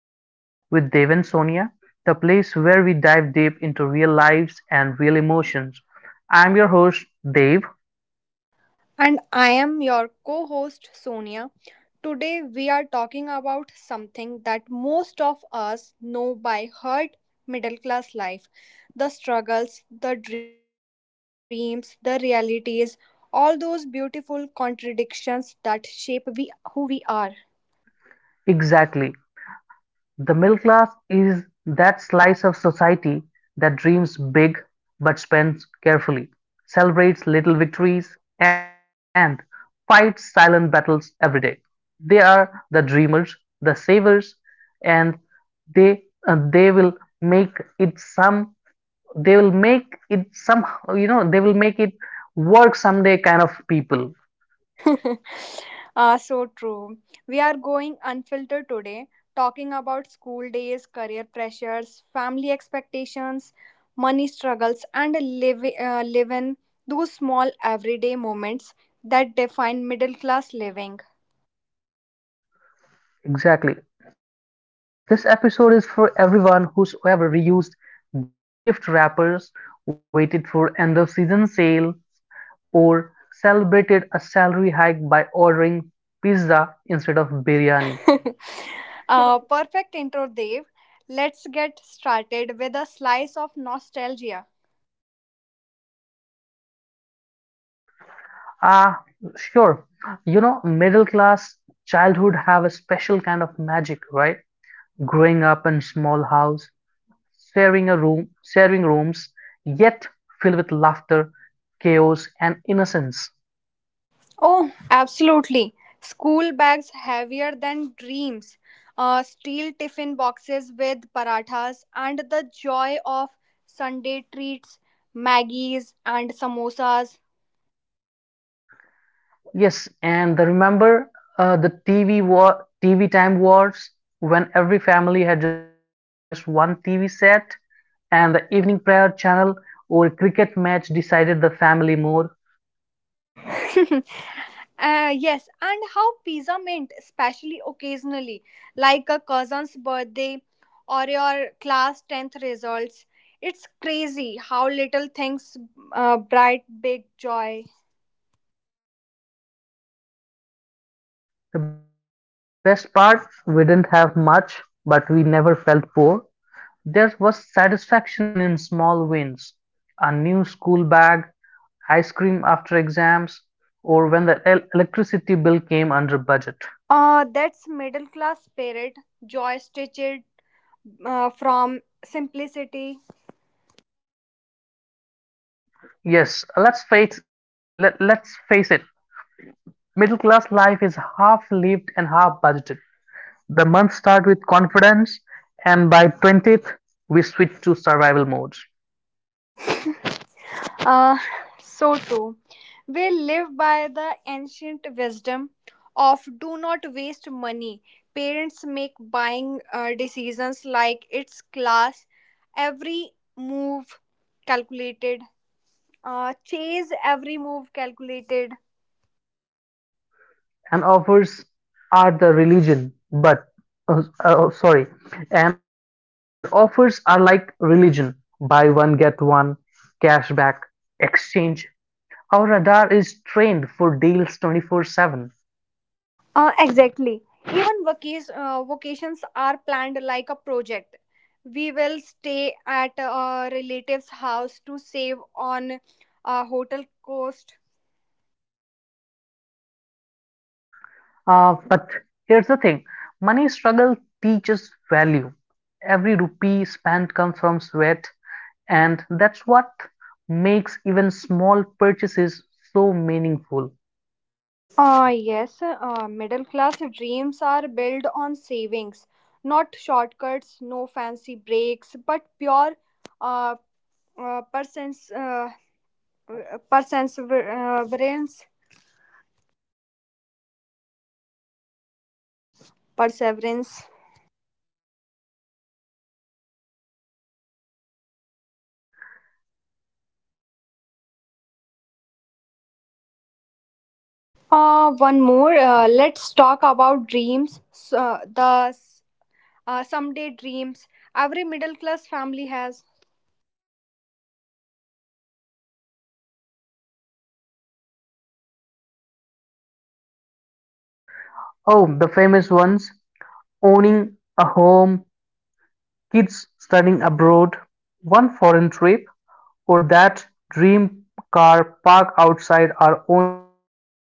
Talks with Dev and Sonia, the place where we dive deep into real lives and real emotions. I'm your host, Dave. And I am your co host Sonia. Today we are talking about something that most of us know by heart, middle class life, the struggles, the dreams, the realities, all those beautiful contradictions that shape we, who we are. Exactly. The middle class is that slice of society that dreams big but spends carefully, celebrates little victories, and fights silent battles every day. They are the dreamers, the savers, and they they will make it some they will make it somehow, they will make it work someday kind of people. Ah, so true. We are going unfiltered today, talking about school days, career pressures, family expectations, money struggles, and live-in. Those small everyday moments that define middle class living. Exactly, this episode is for everyone who's ever reused gift wrappers, waited for end of season sale, or celebrated a salary hike by ordering pizza instead of biryani. Perfect intro, Dev. Let's get started with a slice of nostalgia. Ah, sure. You know, middle class childhood have a special kind of magic, right? Growing up in small house, sharing a room, sharing rooms, yet filled with laughter, chaos, and innocence. Oh, absolutely. School bags heavier than dreams, steel tiffin boxes with parathas, and the joy of Sunday treats, Maggies, and samosas. Yes, and remember, the TV war, TV time wars, when every family had just one TV set, and the evening prayer channel or a cricket match decided the family more. Yes, and how pizza meant, especially occasionally, like a cousin's birthday or your class 10th results. It's crazy how little things bright big joy. The best part, we didn't have much, but we never felt poor. There was satisfaction in small wins: a new school bag, ice cream after exams, or when the electricity bill came under budget. That's middle class spirit, joy stitched from simplicity. Yes, let's face it. Middle class life is half lived and half budgeted. The month start with confidence, and by 20th we switch to survival mode. Uh, so too, we live by the ancient wisdom of do not waste money. Parents make buying decisions like its class, every move calculated. Chase every move calculated. And offers are the religion but oh, sorry And offers are like religion: buy one, get one, cashback, exchange. Our radar is trained for deals 24/7. Exactly. Even vacations are planned like a project. We will stay at a relative's house to save on a hotel cost. But here's the thing: money struggle teaches value. Every rupee spent comes from sweat, and that's what makes even small purchases so meaningful. Yes, middle class dreams are built on savings, not shortcuts, no fancy breaks, but pure uh, uh, persons, uh, perseverance. Perseverance. One more. Let's talk about dreams. So, the someday dreams every middle class family has. But- oh, the famous ones: owning a home, kids studying abroad, one foreign trip, or that dream car parked outside our own house one day.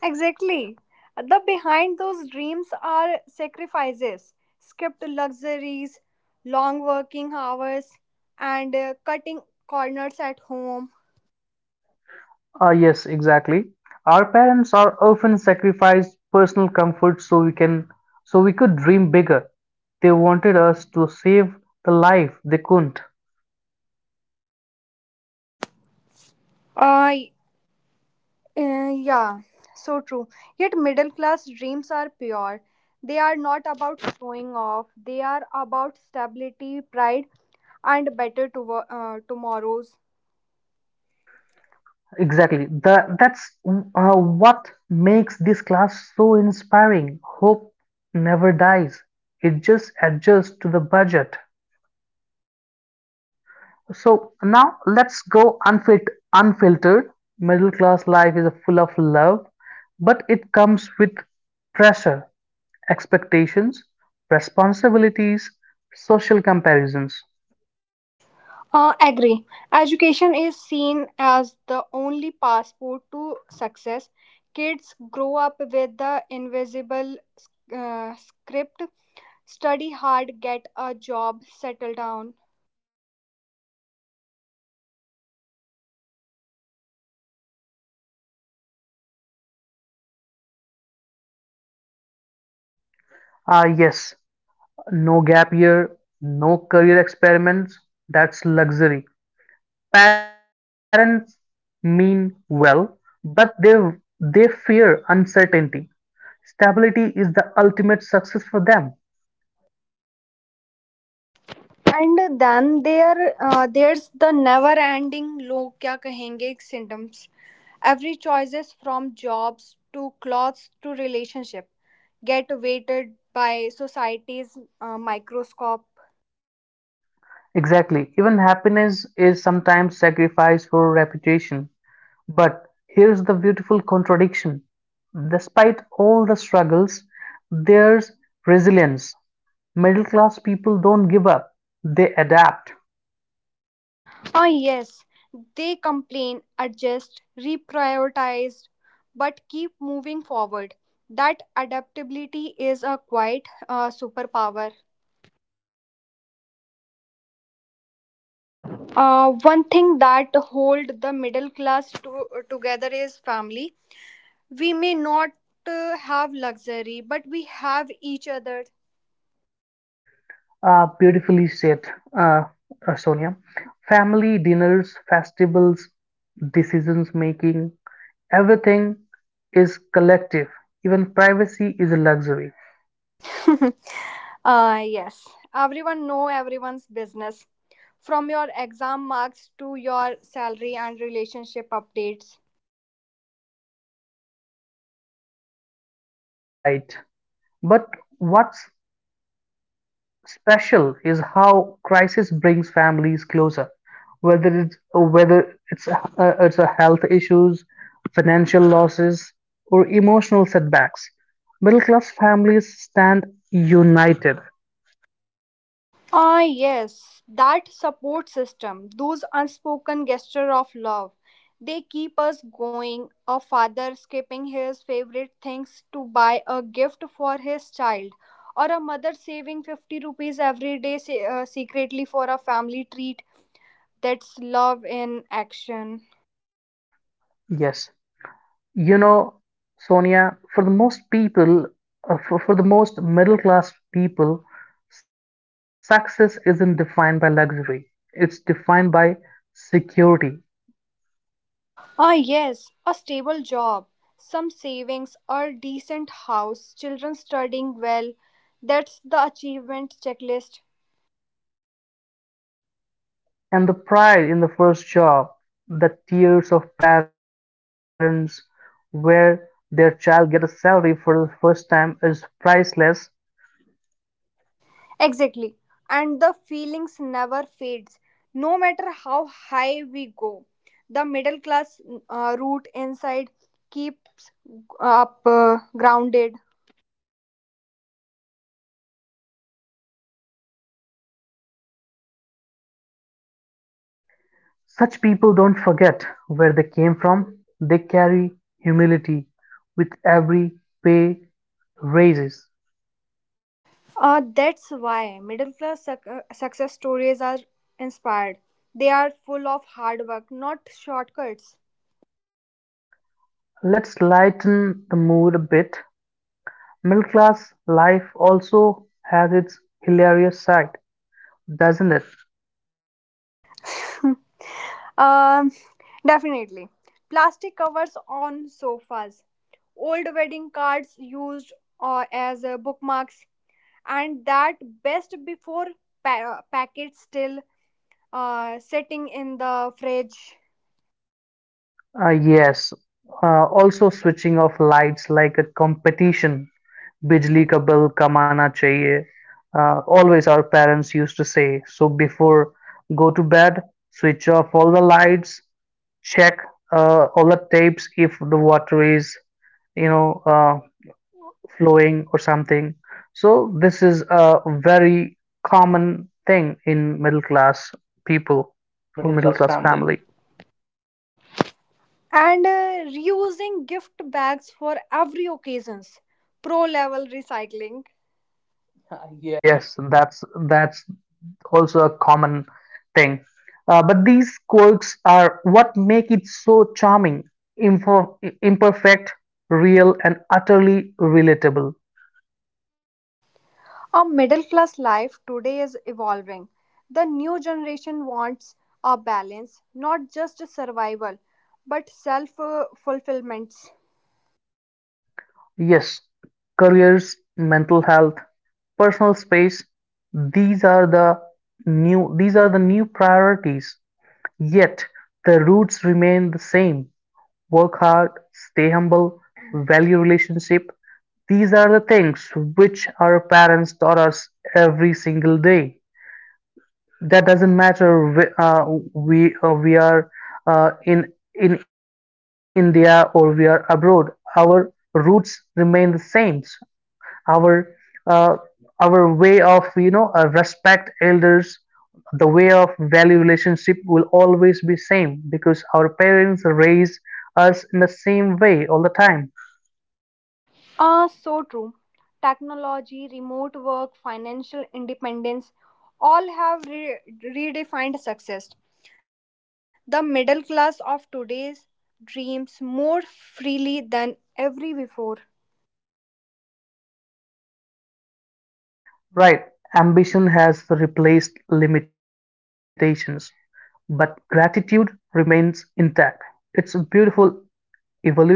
Exactly. The behind those dreams are sacrifices, skipped luxuries, long working hours, and cutting corners at home. Ah, yes, exactly. Our parents are often sacrificed personal comfort so we can so we could dream bigger. They wanted us to save the life they couldn't. Uh, yeah, so true. Yet middle class dreams are pure. They are not about showing off. They are about stability, pride, and better tomorrows. Exactly. That's what makes this class so inspiring. Hope never dies. It just adjusts to the budget. So now let's go unfiltered. Middle class life is full of love, but it comes with pressure, expectations, responsibilities, social comparisons. Agree. Education is seen as the only passport to success. Kids grow up with the invisible script, study hard, get a job, settle down. Ah, yes, no gap year, no career experiments. That's luxury. Parents mean well, but they fear uncertainty. Stability is the ultimate success for them. And then there's the never-ending "log क्या कहेंगे" symptoms. Every choices from jobs to clothes to relationship get weighted by society's microscope. Exactly. Even happiness is sometimes sacrificed for reputation. But here's the beautiful contradiction. Despite all the struggles, there's resilience. Middle class people don't give up, they adapt. Oh yes, they complain, adjust, reprioritize, but keep moving forward. That adaptability is a quite superpower. One thing that hold the middle class together is family. We may not have luxury, but we have each other. Beautifully said, uh, Sonia. Family dinners, festivals, decisions making, everything is collective. Even privacy is a luxury. Yes, everyone know everyone's business, from your exam marks to your salary and relationship updates. All right. But what's special is how crisis brings families closer, whether it's a health issues, financial losses, or emotional setbacks. Middle class families stand united. Ah, yes, that support system, those unspoken gestures of love, they keep us going. A father skipping his favorite things to buy a gift for his child, or a mother saving 50 rupees every day secretly for a family treat. That's love in action. Yes, you know, Sonia, for the most people, for the most middle class people, success isn't defined by luxury. It's defined by security. Ah, yes, a stable job, some savings, a decent house, children studying well. That's the achievement checklist. And the pride in the first job, the tears of parents where their child get a salary for the first time is priceless. Exactly. And the feelings never fades. No matter how high we go, the middle class root inside keeps up grounded. Such people don't forget where they came from. They carry humility with every pay raises. That's why middle class success stories are inspired. They are full of hard work, not shortcuts. Let's lighten the mood a bit. Middle class life also has its hilarious side, doesn't it? Um, Definitely. Plastic covers on sofas, old wedding cards used as bookmarks, and that best before packet still sitting in the fridge, Yes, also switching off lights like a competition. बिजली का bill कमाना चाहिए always our parents use to say so before go to bed switch off all the lights. Check all the tapes if the water is, you know uh, flowing or something. So this is a very common thing in middle class people or middle class family. and reusing gift bags for every occasions, pro level recycling. Yes, that's also a common thing. But these quirks are what make it so charming, imper- imperfect, real, and utterly relatable. A middle class life today is evolving. The new generation wants a balance, not just survival, but self fulfillments. Yes, careers, mental health, personal space, these are the these are the new priorities. Yet the roots remain the same. Work hard, stay humble, value relationship. These are the things which our parents taught us every single day. That doesn't matter, we are in India or we are abroad. Our roots remain the same. Our uh, our way of, respect elders, the way of value relationship will always be same because our parents raise us in the same way all the time. So true. Technology, remote work, financial independence all have redefined success. The middle class of today's dreams more freely than ever before. Right, ambition has replaced limitations, but gratitude remains intact. It's a beautiful evolution.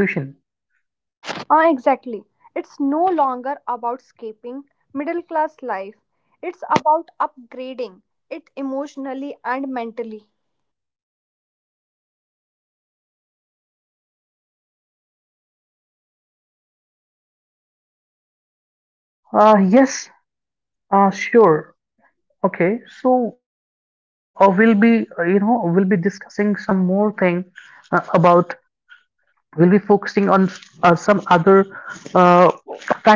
Ah, exactly. It's no longer about escaping middle class life. It's about upgrading it emotionally and mentally. Yes, sure. Okay, so we'll be, we'll be discussing some more thing, about we'll be focusing on some other uh,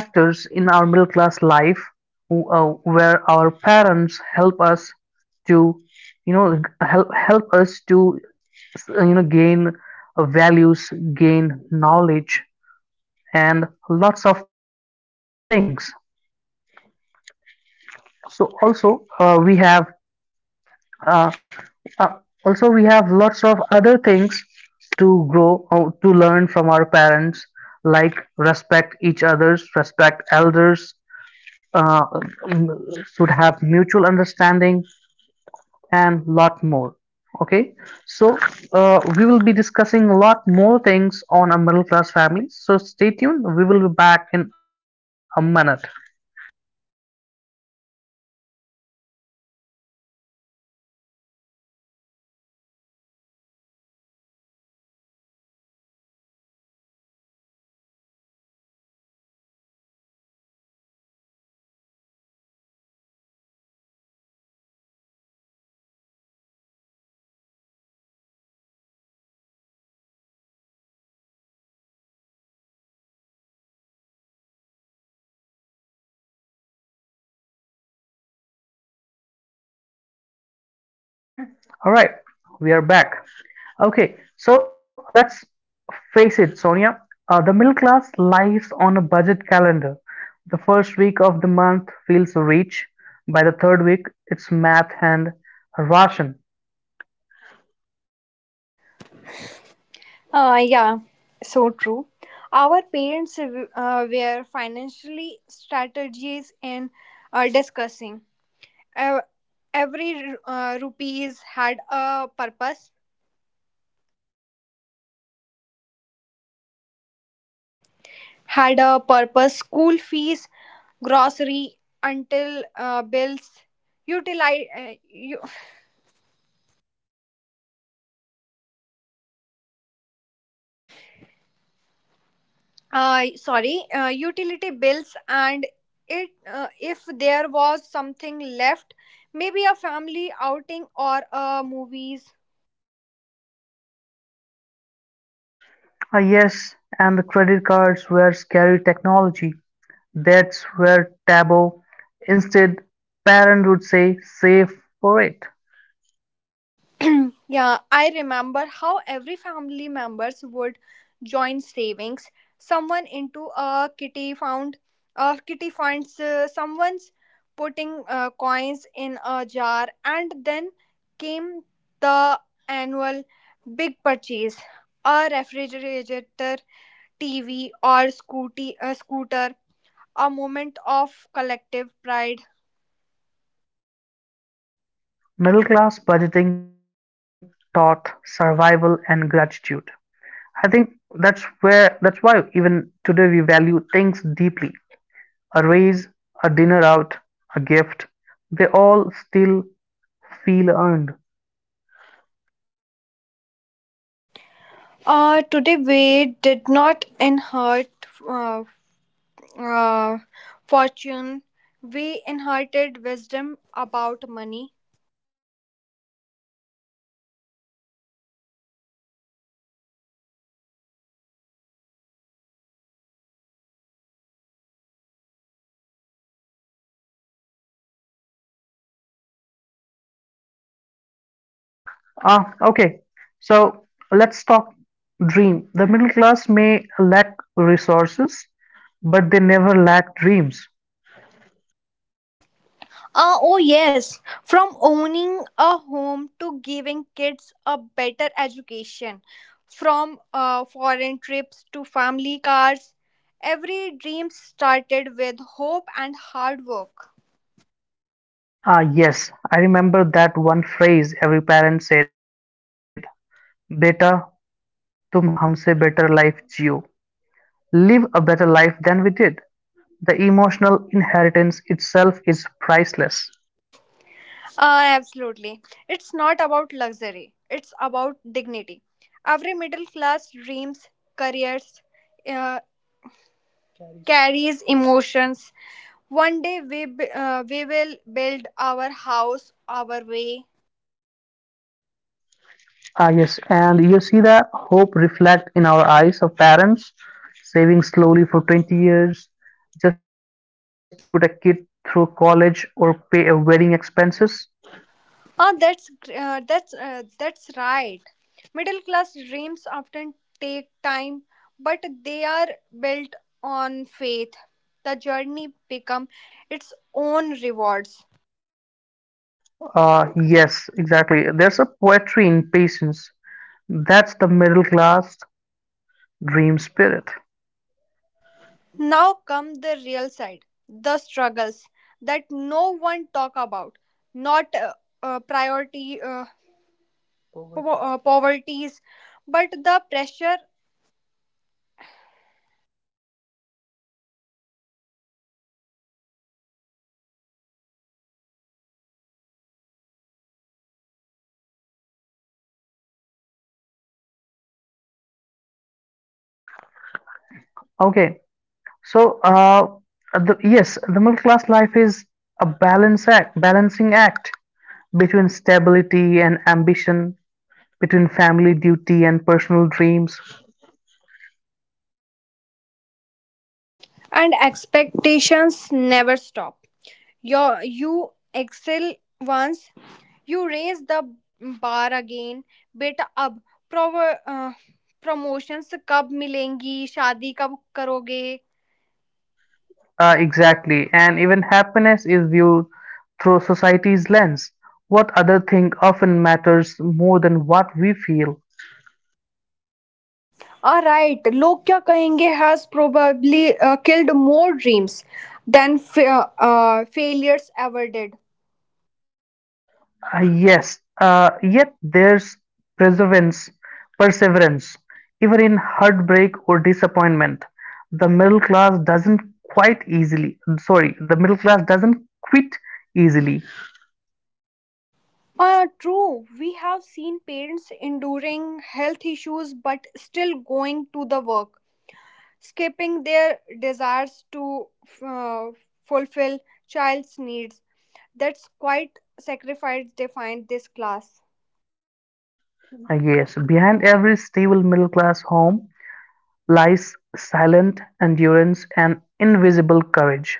factors in our middle class life, where our parents help us to, you know help us to, gain values, gain knowledge, and lots of things. So also uh, we have Uh, uh, also, we have lots of other things to grow or to learn from our parents, like respect each other's, respect elders, uh, um, should have mutual understanding, and lot more. Okay, so we will be discussing a lot more things on a middle class family. So stay tuned. We will be back in a minute. All right, we are back. Okay, so let's face it, Sonia. The middle class lives on a budget calendar. The first week of the month feels rich. By the third week, it's math and ration. Yeah, so true. Our parents were financially strategies in discussing. Uh, every rupees had a purpose. Had a purpose. School fees, grocery, until bills, utility. Sorry, utility bills, and it. If there was something left, maybe a family outing or a movies. Ah, yes, and the credit cards were scary technology. Debts were taboo. Instead, parent would say, save for it. Yeah, I remember how every family members would join savings, someone into a kitty funds, someone's putting coins in a jar, and then came the annual big purchase, a refrigerator, TV, or scooty, a scooter. A moment of collective pride. Middle class budgeting taught survival and gratitude. I think that's why even today we value things deeply. A raise, a dinner out, a gift, they all still feel earned. Today we did not inherit uh, fortune. We inherited wisdom about money. Ah, okay. So let's talk dream. The middle class may lack resources, but they never lack dreams. Oh, yes, from owning a home to giving kids a better education, from foreign trips to family cars. Every dream started with hope and hard work. Ah, yes, I remember that one phrase every parent said: Beta, tum humse better life jiyo. Live a better life than we did. The emotional inheritance itself is priceless. Absolutely. It's not about luxury, it's about dignity. Every middle class dreams, careers, uh, carries emotions. One day we will build our house our way. Ah, yes, and you see the hope reflect in our eyes of parents saving slowly for 20 years just to put a kid through college or pay a wedding expenses. Oh, that's gr- that's right. Middle class dreams often take time, but they are built on faith. The journey become its own rewards. Yes, exactly. There's a poetry in patience. That's the middle class dream spirit. Now come the real side, the struggles that no one talk about, not priority poverty, poverties, but the pressure Okay, so yes, the middle class life is balancing act between stability and ambition, between family duty and personal dreams. and expectations never stop. You excel once, you raise the bar again, beta ab prover, uh, promotions कब मिलेंगी शादी कब करोगे. Exactly. And even happiness is viewed through society's lens. What other thing often matters more than what we feel? All right, लोग क्या कहेंगे has probably killed more dreams than failures ever did. Yes, yet there's perseverance, perseverance. Even in heartbreak or disappointment, the middle class doesn't quit easily. True, we have seen parents enduring health issues but still going to the work, skipping their desires to uh, fulfill child's needs. That's quite sacrifice defined this class. Yes, behind every stable middle class home lies silent endurance and invisible courage.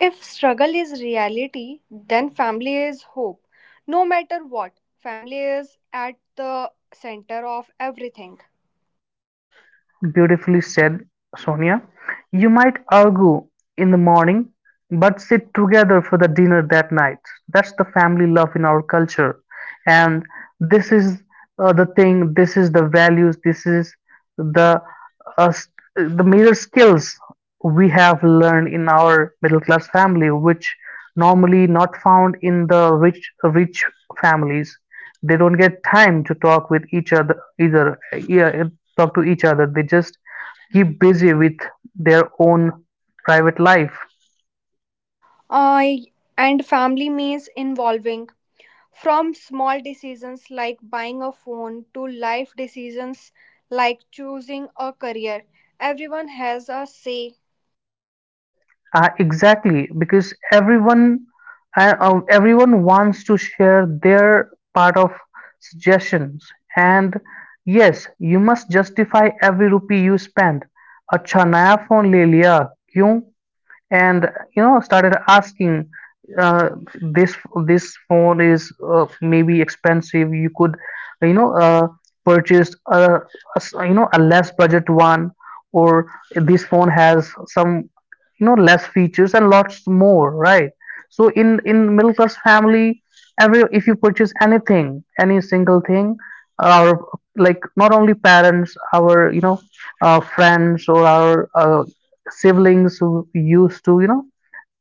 If struggle is reality, then family is hope. No matter what, family is at the center of everything. Beautifully said, Sonia. You might argue in the morning but sit together for the dinner that night. That's the family love in our culture, and this is the thing. This is the values. This is the uh, s- the major skills we have learned in our middle class family, which normally not found in the rich families. They don't get time to talk with each other either. Yeah, talk to each other. They just keep busy with their own private life. I And family means involving from small decisions like buying a phone to life decisions like choosing a career. Everyone has a say. Exactly, because everyone wants to share their part of suggestions. And yes, you must justify every rupee you spend. अच्छा नया phone ले लिया क्यों. And, started asking, uh, this this phone is, maybe expensive. You could, you know uh, purchase a s- you know a less budget one, or this phone has some, less features and lots more, right? So in middle class family, every if you purchase anything, any single thing, our, like, not only parents, our, friends, or our siblings, who used to,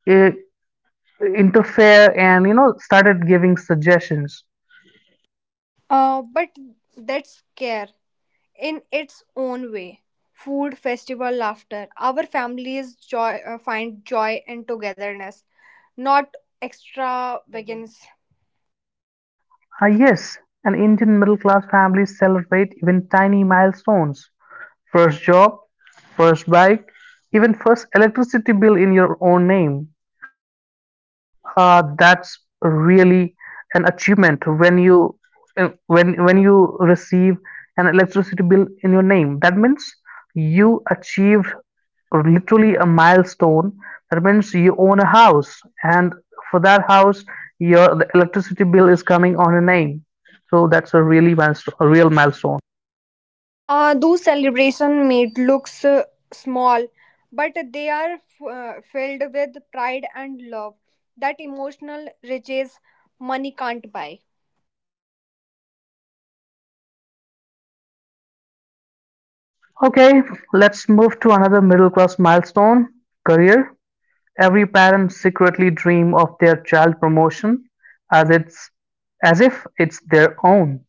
eh, interfere and, started giving suggestions. But that's care in its own way. Food, festival, laughter. Our families joy find joy in togetherness, not extravagance. Ah, yes, an Indian middle class family celebrate even tiny milestones: first job, first bike, even first electricity bill in your own name. That's really an achievement when you receive an electricity bill in your name. That means you achieved literally a milestone. That means you own a house, and for that house, your the electricity bill is coming on your name. So that's a real milestone. Those celebration made looks small, but they are filled with pride and love. That emotional riches money can't buy. Okay, let's move to another middle class milestone: career. Every parent secretly dream of their child promotion as it's as if it's their own.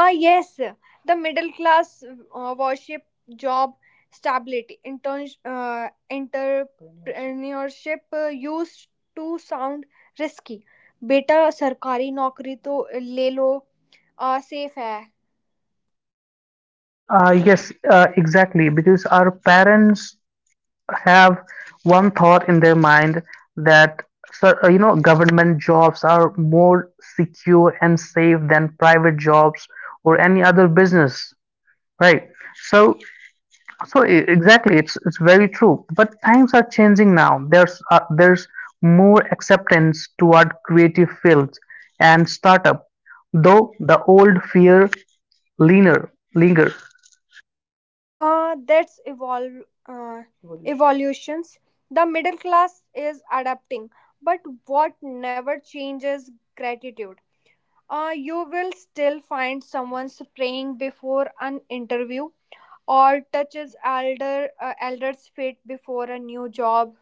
Ah, yes, the middle class worship job stability, interns entrepreneurship used to sound risky. बेटा सरकारी नौकरी तो ले लो आ, safe है. Yes, exactly. Because our parents have one thought in their mind that, sir, you know government jobs are more secure and safe than private jobs or any other business, right? So So, exactly, it's very true. But times are changing now. There's more acceptance toward creative fields and startup, though the old fear leaner linger. That's evolve uh, evolutions. The middle class is adapting, but what never changes, gratitude. You will still find someone praying before an interview or touches elders feet before a new job.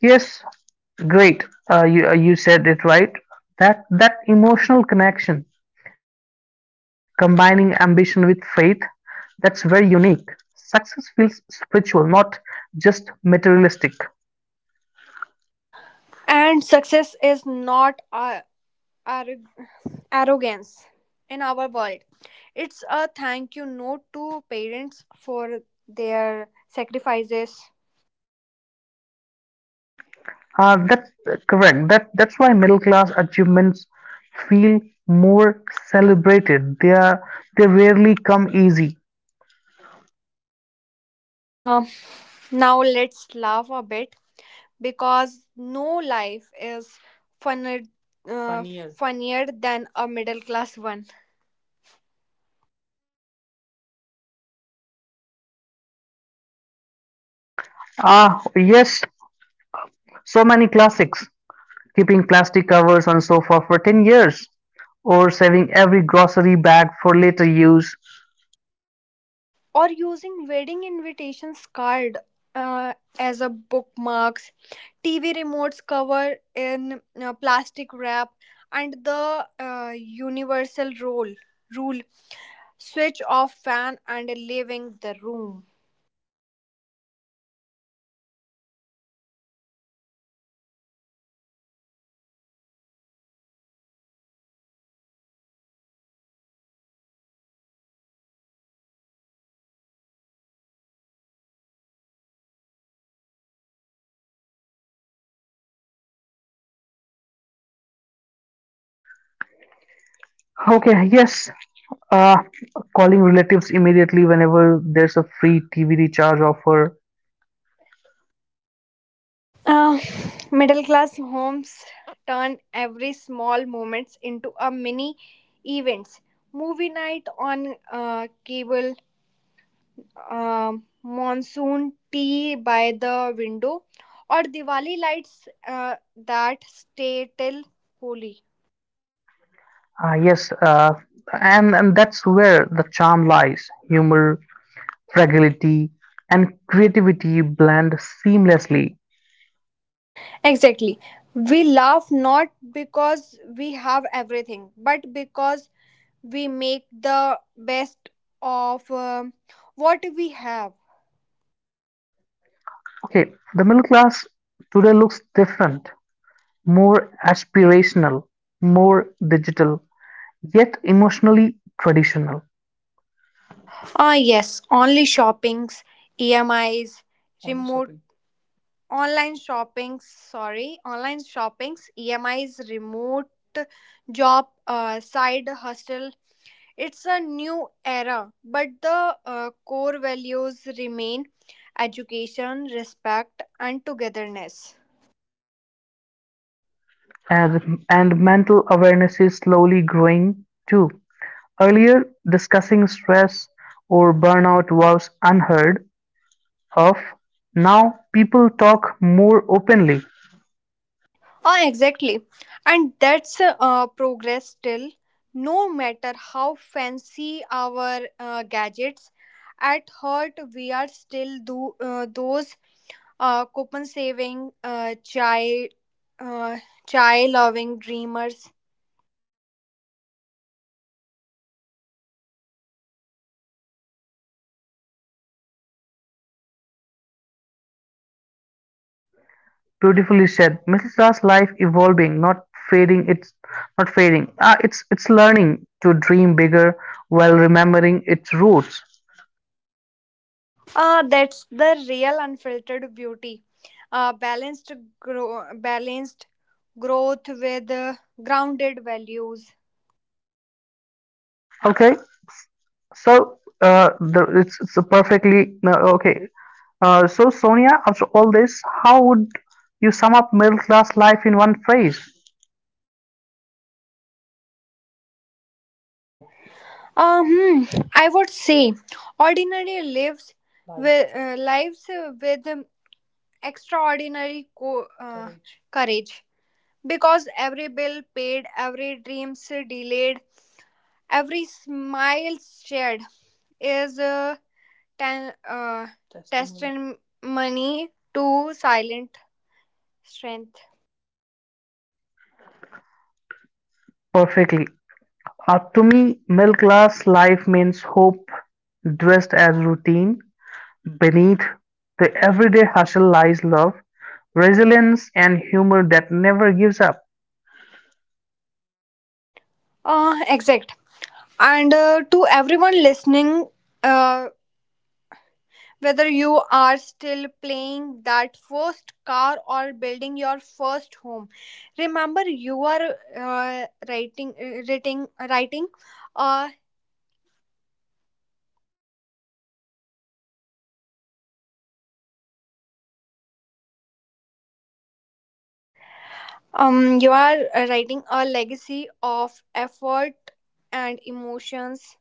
Yes, great. You said it right. That emotional connection, combining ambition with faith, that's very unique. Success feels spiritual, not just materialistic. And success is not arro- arrogance in our world. It's a thank you note to parents for their sacrifices. That's correct. That's why middle class achievements feel more celebrated. They rarely come easy. um, Now let's laugh a bit because no life is funner, funnier than a middle class one, Ah, yes, so many classics. Keeping plastic covers on sofa for 10 years, or saving every grocery bag for later use. or using wedding invitations card uh, as a bookmarks, TV remotes cover in plastic wrap, and the universal rule, switch off fan and leaving the room. Okay, yes. Uh, Calling relatives immediately whenever there's a free TV recharge offer. uh, Middle class homes turn every small moments into a mini events, movie night on cable, monsoon tea by the window, or Diwali lights that stay till Holi. Yes, and that's where the charm lies. Humor, fragility and creativity blend seamlessly. Exactly. We laugh not because we have everything, but because we make the best of what we have. Okay, the middle class today looks different, more aspirational, more digital, yet emotionally traditional. Ah, yes, only shoppings, EMIs, remote online shopping sorry online shoppings, emis, remote job, side hustle. It's a new era, but the core values remain, education, respect, and togetherness. And mental awareness is slowly growing too. Earlier, discussing stress or burnout was unheard of. Now, people talk more openly. Ah, exactly. And that's progress still. No matter how fancy our gadgets, at heart we are still those coupon saving, uh, chai loving dreamers. Beautifully said. Melissa's life evolving, not fading. It's not fading. Ah, it's learning to dream bigger while remembering its roots. Ah, that's the real unfiltered beauty. Uh, balanced, Balanced growth with grounded values. Okay, so, the, it's a perfectly no, okay. So, Sonia, after all this, how would you sum up middle class life in one phrase? Uh, hmm, I would say ordinary lives with extraordinary courage, because every bill paid, every dream delayed, every smile shared is a tan- uh, testimony. testimony to silent strength. Perfectly. To me, middle class life means hope dressed as routine. Beneath the everyday hustle lies love, resilience and humor that never gives up. Exact. And to everyone listening, uh, whether you are still playing that first car or building your first home, remember you are uh, writing a legacy of effort and emotions.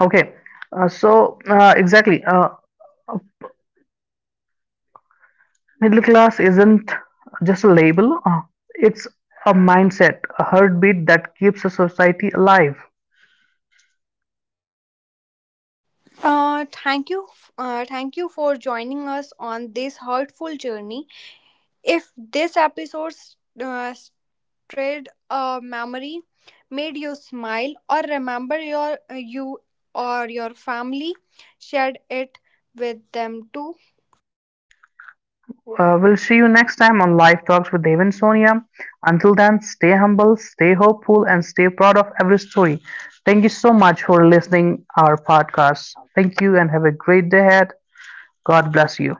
Okay, exactly, middle class isn't just a label. It's a mindset, a heartbeat that keeps a society alive. Thank you for joining us on this hurtful journey. If this episode uh, trade a memory made you smile or remember you or your family, shared it with them too. We'll see you next time on Live Talks with Dave and Sonia. Until then, stay humble, stay hopeful, and stay proud of every story. Thank you so much for listening our podcast. Thank you and have a great day ahead. God bless you.